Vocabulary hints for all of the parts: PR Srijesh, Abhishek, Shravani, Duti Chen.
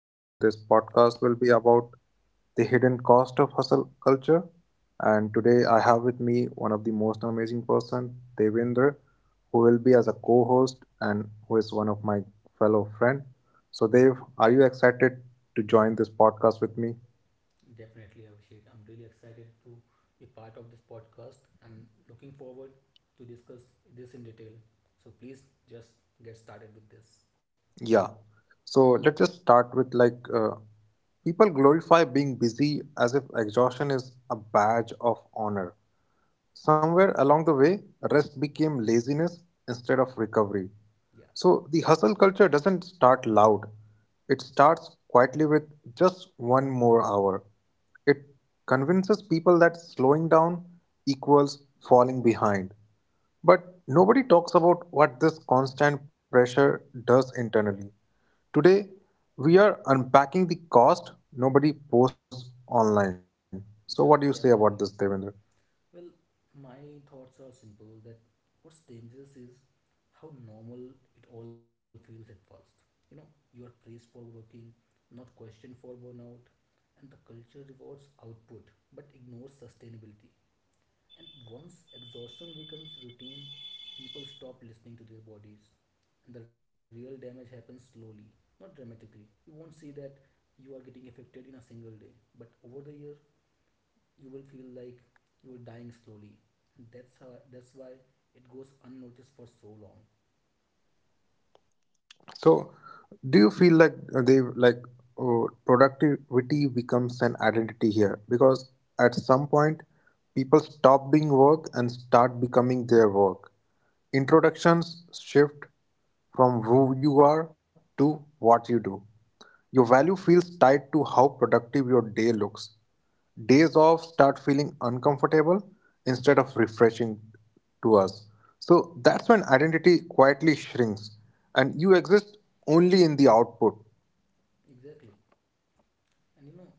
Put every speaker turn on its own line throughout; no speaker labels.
So, this podcast will be about the hidden cost of hustle culture. And today, I have with me one of the most amazing person, Devinder, who will be as a co-host and who is one of my fellow friend. So, Dev, are you excited to join this podcast with me?
Definitely, Abhishek. I'm really excited to be part of this podcast and looking forward to discuss this in detail. So please just get started with this.
Yeah. So let's just start with people glorify being busy as if exhaustion is a badge of honor. Somewhere along the way, rest became laziness instead of recovery.
Yeah,
So the hustle culture doesn't start loud, it starts quietly with just one more hour. It convinces people that slowing down equals falling behind. But nobody talks about what this constant pressure does internally. Today, we are unpacking the cost nobody posts online. So, what do you say about this,
just
Devendra?
definitely. Well, my thoughts are simple that what's dangerous is how normal it all feels at first. You know, you are praised for overworking, not questioned for burnout, and the culture rewards output but ignores sustainability. And once exhaustion becomes routine, people stop listening to their bodies. And the real damage happens slowly, not dramatically. You won't see that you are getting affected in a single day, but over the year, you will feel like you are dying slowly. And that's how that's why it goes unnoticed for so long.
So, do you feel like they like productivity becomes an identity here? Because at some point, people stop doing work and start becoming their work.
Yeah,
Introductions shift from who you are to what you do. Your value feels tied to how productive your day looks. Days off start feeling uncomfortable instead of refreshing to us. So that's when identity quietly shrinks and you exist only in the output.
exactly. And you know,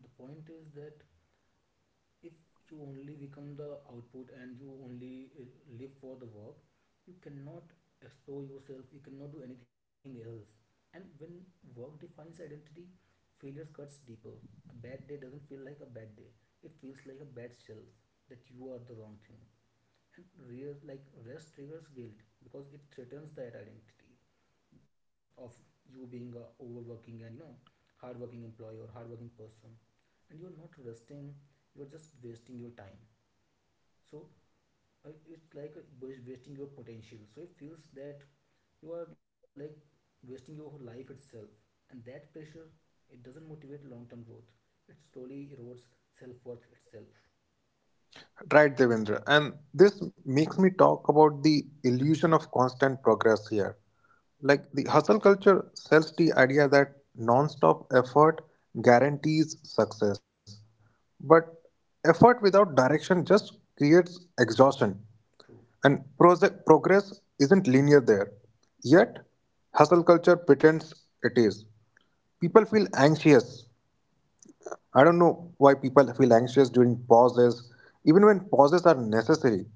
the point is that if you only become the output and you only live for the work, you cannot explore yourself, you cannot do anything else. And when work defines identity, failures cuts deeper. A bad day doesn't feel like a bad day, it feels like a bad self, that you are the wrong thing. And real like rest triggers guilt because it threatens that identity of you being a overworking and hardworking employee or hardworking person. And you're not resting, you're just wasting your time. So it's like a wasting your potential, so it feels that you are like wasting your life itself. And that pressure, it doesn't motivate long term growth, it slowly erodes self worth itself.
Right, Devendra. And this makes me talk about the illusion of constant progress here. Like the
Yeah.
hustle culture sells the idea that non-stop effort guarantees success. But effort without direction just creates exhaustion.
True.
And project progress isn't linear there. Yet, hustle culture pretends it is. People feel anxious I don't know why people feel anxious during pauses, even when pauses are necessary.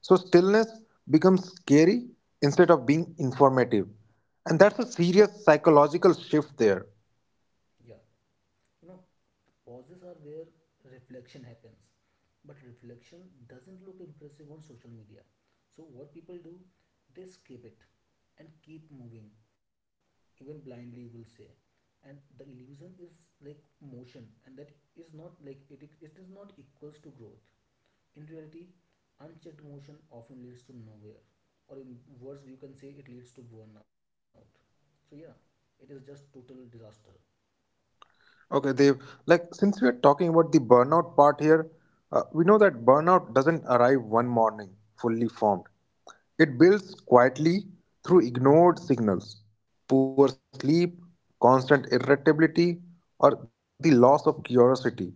So, stillness becomes scary instead of being informative. And that's a serious psychological shift there.
Yeah, you know pauses are where reflection happens, but reflection doesn't look impressive on social media. So, what people do, they skip it and keep moving, even blindly, you will say. And the illusion is like motion, and that is not like it is not equals to growth. In reality, unchecked motion often leads to nowhere, or in worse, you can say it leads to burnout. So, yeah, it is just total disaster.
Okay, Dev. Like, since we are talking about the burnout part here, we know that burnout doesn't arrive one morning fully formed. It builds quietly through ignored signals, poor sleep, constant irritability, or the loss of curiosity.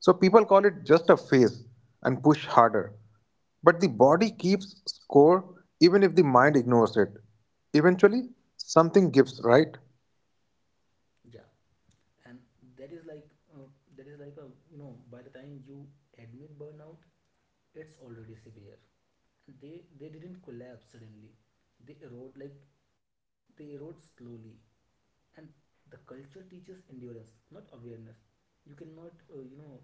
So people call it just a phase and push harder. But the body keeps score even if the mind ignores it. Eventually, something gives, right?
Yeah. and that is like uh, that is like a, by the time you admit burnout, it's already severe. And they didn't collapse suddenly, they erode like, they erode slowly. And the culture teaches endurance, not awareness. You cannot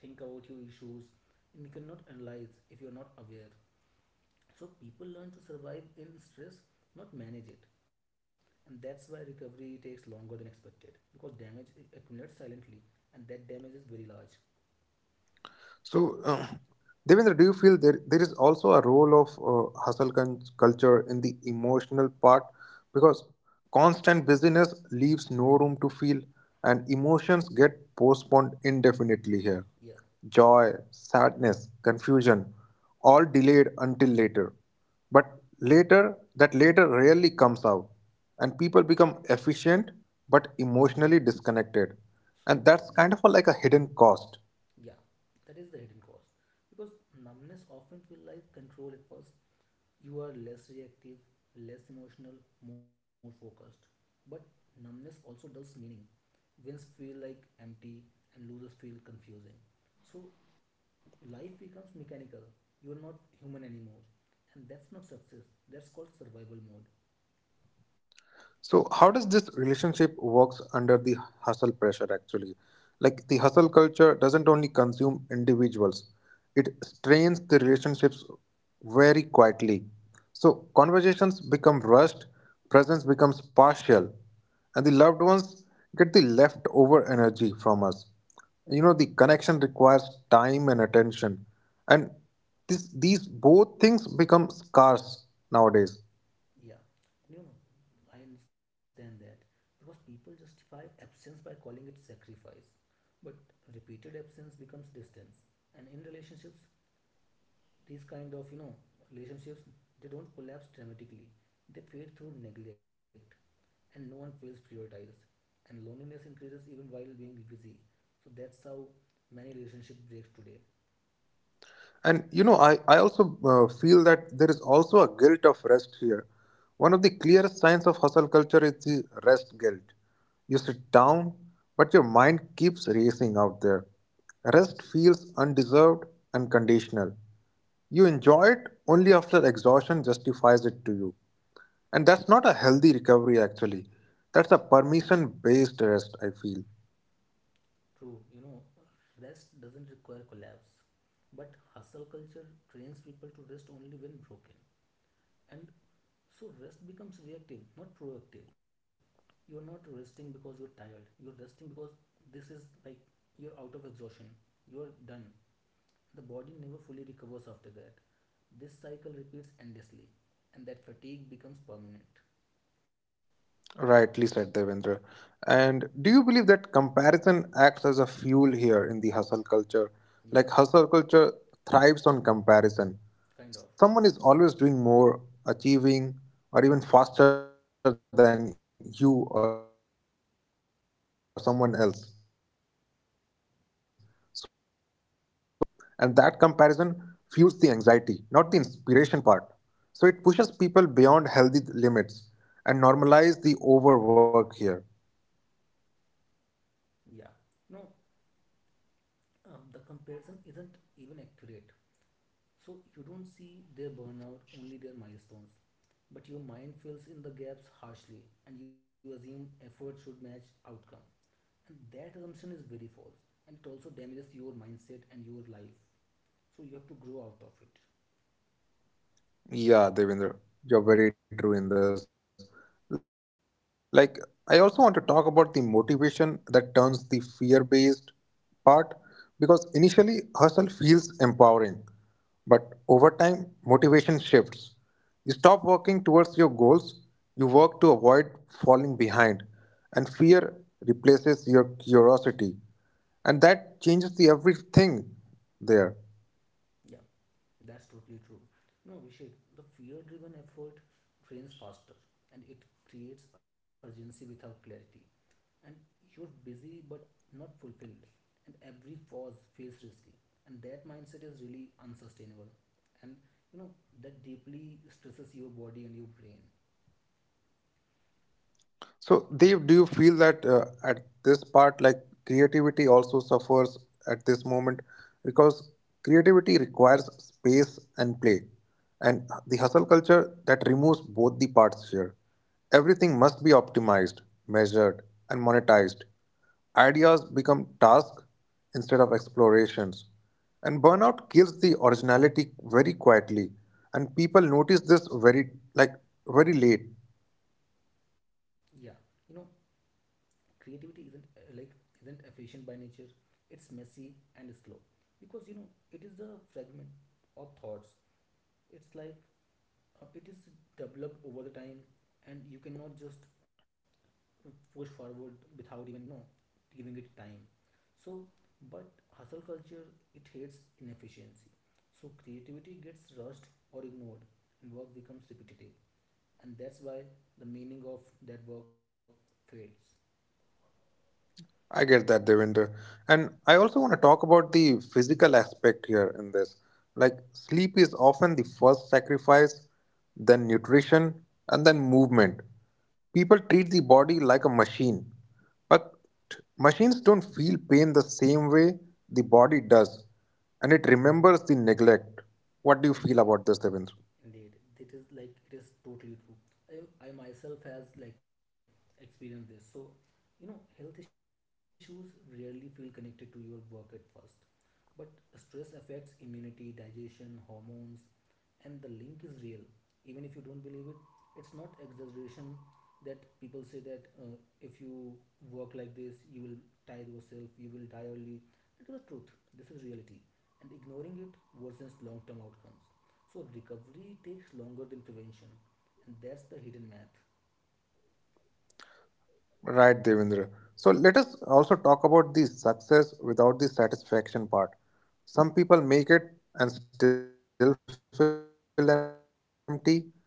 think about your issues, and you cannot analyze if you're not aware. So people learn to survive in stress, not manage it. And that's why recovery takes longer than expected, because accumulates silently, and that damage is very large.
So, Devendra, do you feel there is also a role of culture in the emotional part? Because constant busyness leaves no room to feel, and emotions get postponed indefinitely here.
Yeah,
Joy, sadness, confusion, all delayed until later. But later, that later rarely comes out, and people become efficient but emotionally disconnected,
so
and
true,
that's
man.
kind of a hidden cost.
Yeah, that is the hidden cost, because numbness often feels like control at first. You are less reactive, less emotional, more focused. But numbness also dulls meaning. Wins feel like empty and losers feel confusing. So life becomes mechanical, you are not human anymore, and that's not success, that's called survival mode.
So how does this relationship works under the hustle pressure actually? Like the hustle culture doesn't only consume individuals, it strains the relationships very quietly. So conversations become rushed, presence becomes partial, and the loved ones get the leftover energy from us. You know, the connection requires time and attention. And these both things become scarce nowadays.
Yeah, and I understand that, because people justify absence by calling it sacrifice. But repeated absence becomes distance, and in relationships, these kind of, relationships, they don't collapse dramatically, they fade through neglect. And no one feels prioritized, and loneliness increases even while being busy. So that's how many relationship breaks today.
And you know, I also feel that there is also a guilt of rest here. One of the clearest signs of hustle culture is the rest guilt. You sit down, but your mind keeps racing out there. Rest feels undeserved and conditional. You enjoy it only after exhaustion justifies it to you. And that's not a healthy recovery, actually. That's a permission based rest, I feel.
True. Rest doesn't require collapse, but hustle culture trains people to rest only when broken. And so rest becomes reactive, not proactive. You're not resting because you're tired. You're resting because this is like you're out of exhaustion. You're done. The body never fully recovers after that. This cycle repeats endlessly, and that fatigue becomes permanent.
Rightly said, Devendra. And do you believe that comparison acts as a fuel here in the hustle culture?
Yeah,
Like, hustle culture thrives on comparison.
kind of.
Someone is always doing more, achieving, or even faster than you or someone else. So, you measure your behind the scenes against their highlights. And that comparison fuels the anxiety, not the inspiration part. So, it pushes people beyond healthy limits and normalize the overwork here.
Yeah. No, the comparison isn't even accurate. So you don't see their burnout, only their milestones. But your mind fills in the gaps harshly, and you assume effort should match outcome. And that assumption is very false, and it also damages your mindset and your life. So you have to grow out of it.
Yeah, Devendra, you're very true in this. Like, I also want to talk about the motivation that turns the fear based part because initially hustle feels empowering, but over time, motivation shifts. You stop working towards your goals, you work to avoid falling behind, and fear replaces your curiosity. And that changes the everything there.
Yeah, that's totally true. No, Vishek, the fear driven effort drains faster, and it creates urgency without clarity. And you're busy but not fulfilled, and every pause feels risky, and that mindset is really unsustainable. And you know that deeply stresses your body and your brain.
So, Dev, do you feel that at this part, like creativity also suffers at this moment because creativity requires space and play, and the hustle culture that removes both the parts here. Everything must be optimized, measured, and monetized. Ideas become tasks instead of explorations. And burnout kills the originality very quietly. And people notice this very late.
Yeah, you know creativity isn't efficient by nature. It's messy and slow, because it is the fragment of thoughts. It's like it is developed over the time, and you cannot just push forward without even giving it time. So, but hustle culture, it hates inefficiency. So creativity gets rushed or ignored, and work becomes repetitive. And that's why the meaning of that work fades.
I get that, Devinder. And I also want to talk about the physical aspect here in this. Like, sleep is often the first sacrifice, then nutrition, and then movement. People treat the body like a machine, but machines don't feel pain the same way the body does, and it remembers the neglect. What do you feel about this, Devinder?
Indeed. Indeed, it is like it is totally true. I myself has like experienced this. So, health issues rarely feel connected to your work at first, but stress affects immunity, digestion, hormones, and the link is real. Even if you don't believe it, it's not exaggeration that people say that, if you work like this, you will tire yourself, you will die early. That is the truth. This is reality, and ignoring it worsens long-term outcomes. So recovery takes longer than prevention, and that's the hidden math.
Right, Devendra. So let us also talk about the success without the satisfaction part. Some people make it and still feel empty. That confuses them very deeply.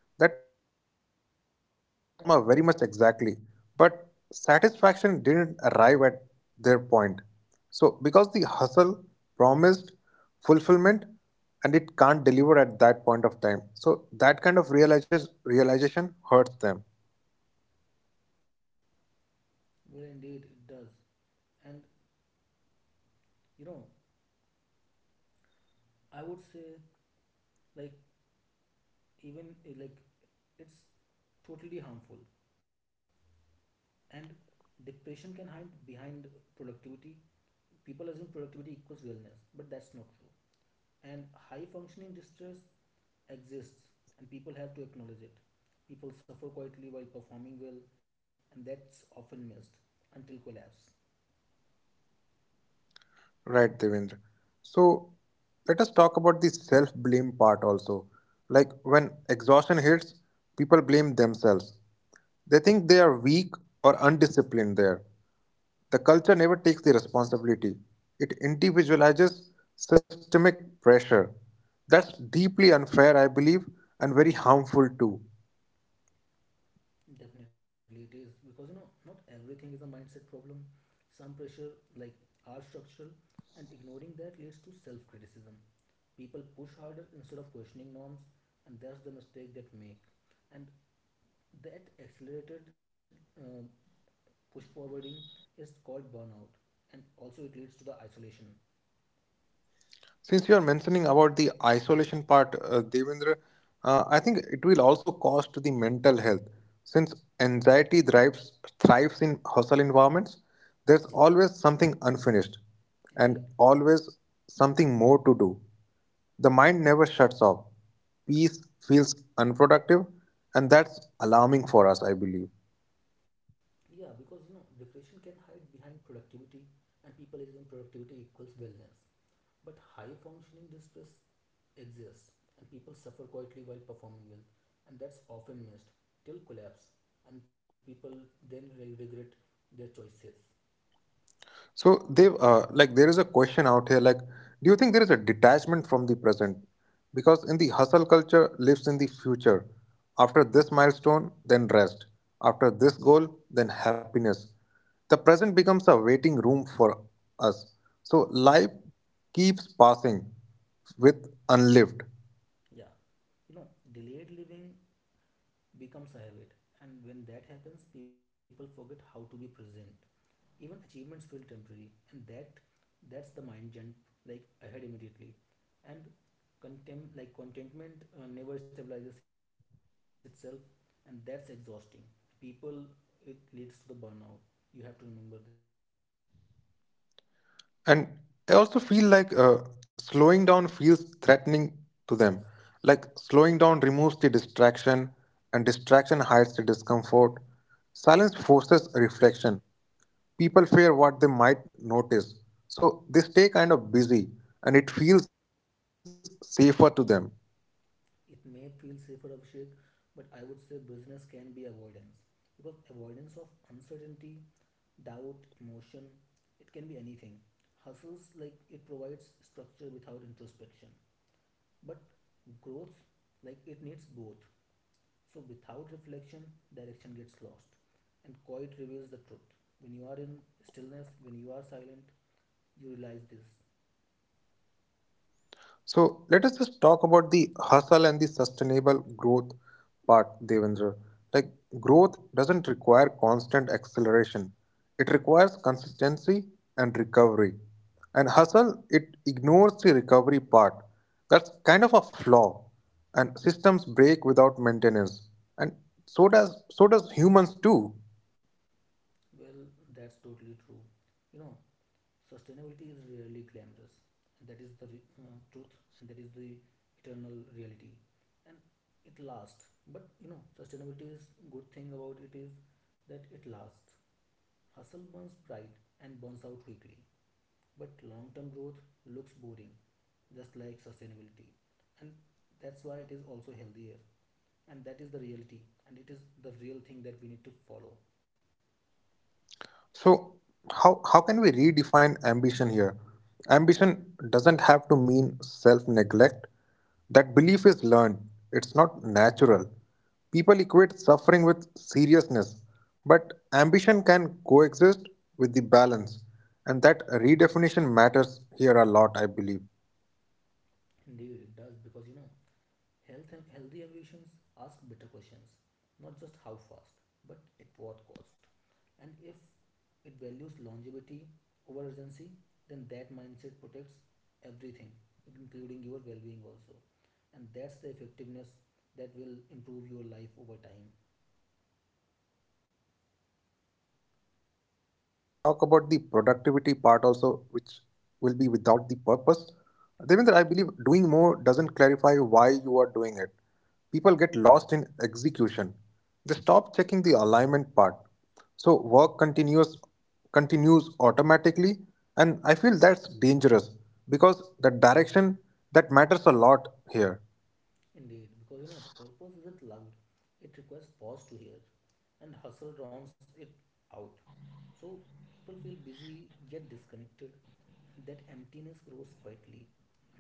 They followed the former very much exactly, but satisfaction didn't arrive at their point. So, because the hustle promised fulfillment and it can't deliver at that point of time. So, that realization hurts them.
Well, indeed it does, and you know I would say, like, even it's totally harmful. And depression can hide behind productivity. People assume productivity equals wellness, but that's not true. And high functioning distress exists, and people have to acknowledge it. People suffer quietly while performing well, and that's often missed until collapse.
Right, Devendra. So let us talk about the self blame part also. Like when exhaustion hits, people blame themselves. They think they are weak or undisciplined there. The culture never takes the responsibility, it individualizes systemic pressure. That's deeply unfair, I believe, and very harmful too.
Definitely, it is because not everything is a mindset problem. Some pressure like are structural, and ignoring that leads to self-criticism. People push harder instead of questioning norms, and that's the mistake that make. And that accelerated uh, push forwarding is called burnout, and also it leads to the isolation.
Since you are mentioning about the isolation part, Devendra, I think it will also cost the mental health. Since anxiety thrives in hostile environments,
Yeah,
there's always something unfinished and
indeed.
always something more to do. The mind never shuts off. Peace feels unproductive, and that's alarming for us, I believe.
Yeah, because, depression can hide behind productivity, and people assume productivity equals wellness. But high functioning distress exists, and people suffer quietly while performing well, and that's often missed till collapse, and people then regret their choices.
So they like there is a question out here like do you think there is a detachment from the present because in the hustle culture lives in the future after this milestone then rest after this goal then happiness the present becomes a waiting room for us so life keeps passing with unlived.
Yeah, you know, delayed living becomes a habit, and when that happens, people forget how to be present. Even achievements feel temporary, and that's the mind jump like ahead immediately. And contentment never stabilizes itself, and that's exhausting. People, it leads to the burnout, you have to remember this.
And I also feel like slowing down feels threatening to them. Like slowing down removes the distraction, and distraction hides the
Mm-hmm.
discomfort. Silence forces
Exactly.
reflection. People fear what they might notice. So they stay kind of busy, and it feels safer to them.
It may feel safer, Abhishek, but I would say business can be avoidance, because avoidance of uncertainty, doubt, emotion, it can be anything. Hustles, like, it provides structure without introspection, but growth, like, it needs both. So without reflection, direction gets lost, and quiet reveals the truth. When you are in stillness, when you are silent, you realize this.
So let us just talk about the hustle and the sustainable growth part, Devendra. Like growth doesn't require constant acceleration. It requires consistency and recovery. And hustle, it ignores the recovery part. That's kind of a flaw. And systems break without maintenance. And so does humans too.
Well, that's totally true. You know, sustainability is rarely glamorous, and that is the truth, and that is the eternal reality, and it lasts. But, sustainability is, good thing about it is that it lasts. Hustle burns bright and burns out quickly. But long term growth looks boring, just like sustainability. And that's why it is also healthier. And that is the reality. And it is the real thing that we need to follow.
So how can we redefine ambition here? Ambition doesn't have to mean self-neglect. That belief is learned. It's not natural. People equate suffering with seriousness, but ambition can coexist with the balance, and that redefinition matters here a lot, I believe.
Indeed, it does, because, health and healthy ambitions ask better questions, not just how fast, but at what cost. And if it values longevity over urgency, then that mindset protects everything, including your well being also. And that's the effectiveness that will improve your life over time.
Let us just talk about the productivity part also, which will be without the purpose. Devendra, I believe doing more doesn't clarify why you are doing it. People get lost in execution. They stop checking the alignment part. So work continues continues automatically, and I feel that's dangerous because the direction that matters a lot here.
Indeed, because, purpose isn't loud, it requires pause to hear, and hustle drowns it out. So people feel busy yet disconnected, and that emptiness grows quietly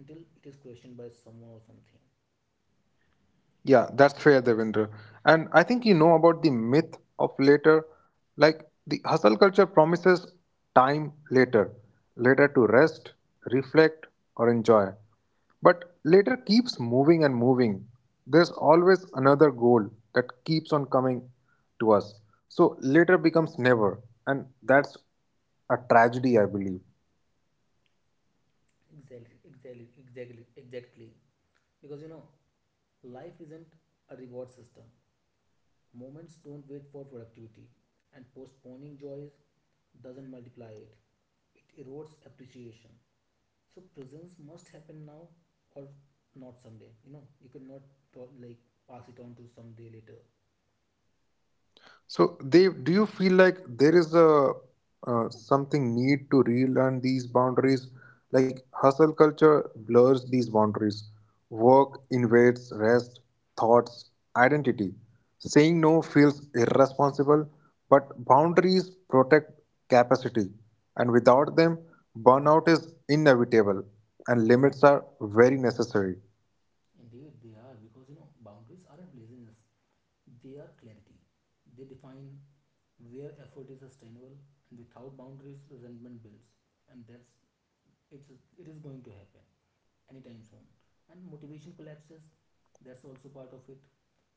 until it is questioned by someone or something.
Yeah, that's fair, Devendra. And I think you know about the myth of later. Like the hustle culture promises time later, later to rest, reflect, or enjoy. But later keeps moving and moving. There's always another goal that keeps on coming to us. So later becomes never. And that's a tragedy, I believe.
Exactly, exactly, exactly, exactly. Because, life isn't a reward system. Moments don't wait for productivity, and postponing joys doesn't multiply it. It erodes appreciation. So presence must happen now or not someday. You cannot like pass it on to someday later.
So they do you feel like there is a something need to relearn these boundaries? Like hustle culture blurs these boundaries. Work invades rest, thoughts, identity. Saying no feels irresponsible, but boundaries protect capacity, and without them, burnout is inevitable and limits are very necessary.
Indeed, they are, because boundaries aren't laziness; they are clarity. They define where effort is sustainable, and without boundaries, resentment builds, and that's it's it is going to happen anytime soon. And motivation collapses, that's also part of it.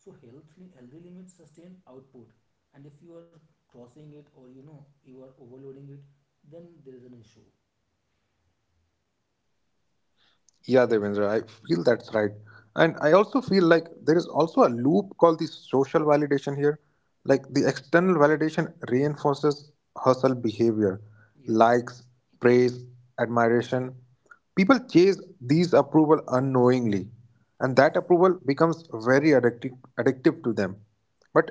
So healthy limits sustain output, and if you are crossing it, or you are overloading it, then there is an issue.
Yeah, Devendra, I feel that's right. And I also feel like there is also a loop called the social validation here. Like the external validation reinforces hustle behavior,
Yeah.
likes, praise, admiration. People chase these approval unknowingly,
Yes.
and that approval becomes very addictive to them.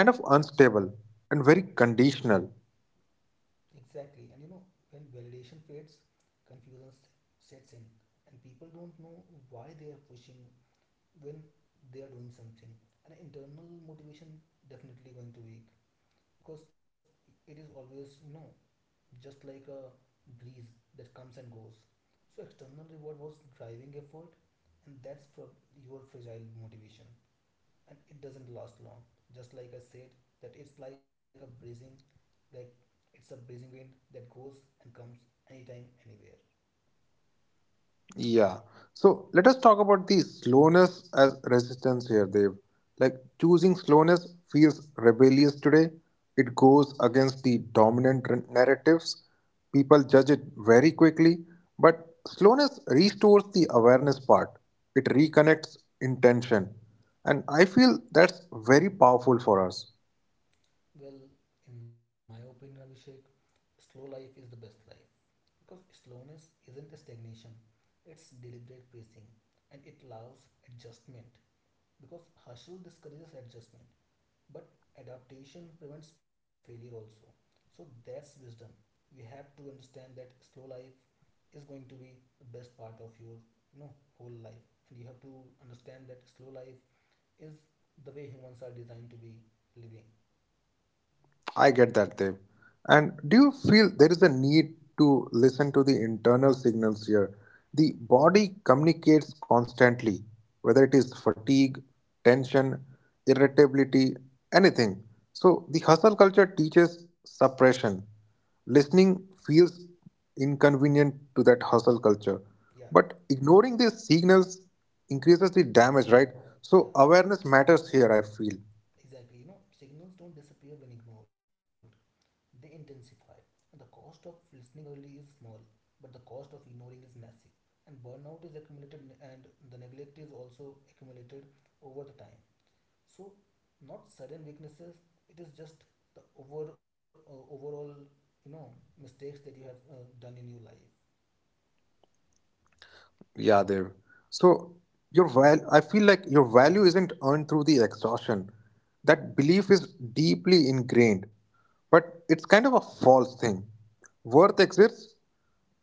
But it's kind of unstable and very conditional.
Exactly, and, when validation fades, confusion s- sets in, and people don't know why they are pushing when they are doing something. And internal motivation definitely going to weak, because it is always, just like a breeze that comes and goes. So external reward was driving effort, and that's for your fragile motivation, and it doesn't last long. Just like I said, that it's like a breezing, like it's a breezing wind that goes and comes anytime, anywhere.
Yeah. So let us talk about the slowness as resistance here, Dev. Like choosing slowness feels rebellious today. It goes against the dominant narratives. People judge it very quickly. But slowness restores the awareness part, it reconnects intention. And I feel that's very powerful for us.
Well, in my opinion, Abhishek, slow life is the best life, because slowness isn't a stagnation; it's deliberate pacing, and it allows adjustment, because hustle discourages adjustment. But adaptation prevents failure also. So that's wisdom. We have to understand that slow life is going to be the best part of your, you know whole life. And you have to understand that slow life is the way humans are designed to be living.
I get that, Dev. And do you feel there is a need to listen to the internal signals here? The body communicates constantly, whether it is fatigue, tension, irritability, anything. So the hustle culture teaches suppression. Listening feels inconvenient to that hustle culture.
Yeah,
But ignoring these signals increases the damage, right?
yeah,
So awareness matters here, I feel.
exactly. Signals don't disappear when ignored. They intensify. And the cost of listening early is small, but the cost of ignoring is massive. And burnout is accumulated, and the neglect is also accumulated over the time. So not sudden weaknesses. It is just the overall, you know mistakes that you have done in your life.
Yeah, Dev. So your val I feel like your value isn't earned through the exhaustion. That belief is deeply ingrained, but it's kind of a false thing. Worth exists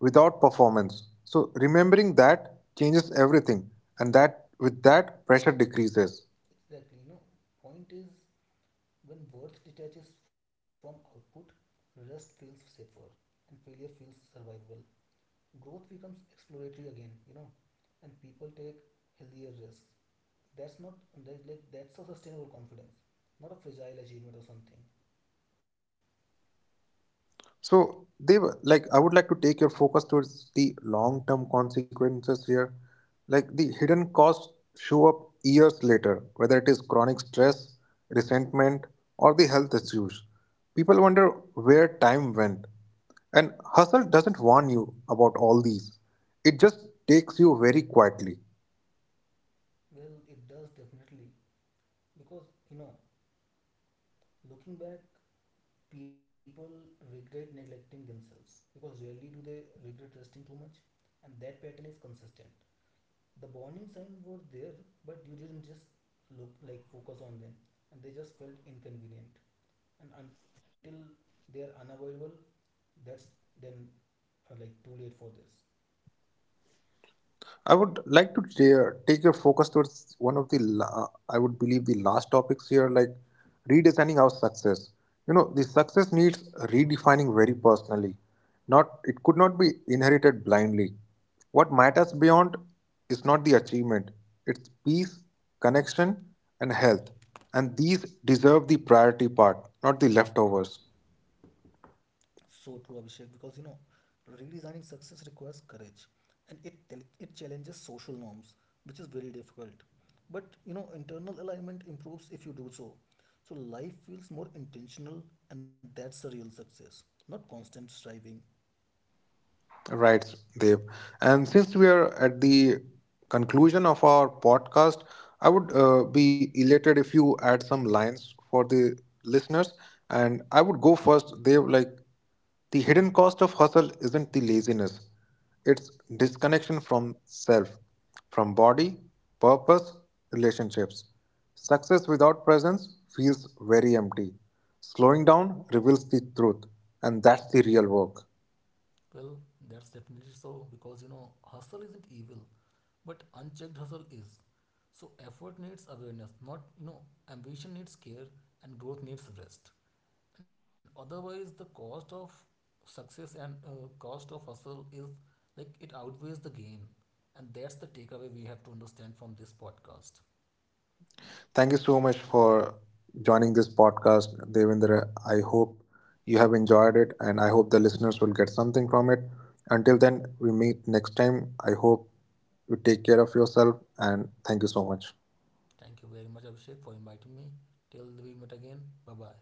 without performance. So remembering that changes everything,
Yeah,
and that with that pressure decreases.
exactly. Point is, when worth detaches from output, rest feels safer, and failure feels survivable. Growth becomes exploratory again. And people take healthier risks. That's not that's a sustainable confidence, not a fragile achievement or something.
So they were like I would like to take your focus towards the long-term consequences here. Like the hidden costs show up years later, whether it is chronic stress, resentment, or the health issues. People wonder where time went. And hustle doesn't warn you about all these. It just takes you very quietly.
Well, it does definitely, because, looking back, people regret neglecting themselves, because rarely do they regret resting too much. And that pattern is consistent. The warning signs were there, but you didn't just look like focus on them, and they just felt inconvenient. And until they are unavoidable, that's then like too late for this.
I would like to take your focus towards one of the, I would believe, the last topics here, like redesigning our success. You know, the success needs redefining very personally. Not, it could not be inherited blindly. What matters beyond is not the achievement; it's peace, connection, and health, and these deserve the priority part, not the leftovers.
So true, Abhishek, because, redesigning success requires courage, and it challenges social norms, which is very difficult. But, internal alignment improves if you do so. So life feels more intentional, and that's the real success, not constant striving.
Right, Dev. And since we are at the conclusion of our podcast, I would be elated if you add some lines for the listeners. And I would go first, Dev. Like, the hidden cost of hustle isn't the laziness, it's disconnection from self, from body, purpose, relationships. Success without presence feels very empty. Slowing down reveals the truth, and that's the real work.
Well, that's definitely so, because, hustle isn't evil, but unchecked hustle is. So effort needs awareness, not, ambition needs care, and growth needs rest. And otherwise, the cost of success and cost of hustle is like it outweighs the gain, and that's the takeaway we have to understand from this podcast.
Thank you so much for joining this podcast, Devendra. I hope you have enjoyed it and I hope the listeners will get something from it. Until then, we meet next time. I hope you take care of yourself and thank you so much.
Thank you very much, Abhishek, for inviting me. Till we meet again, bye bye.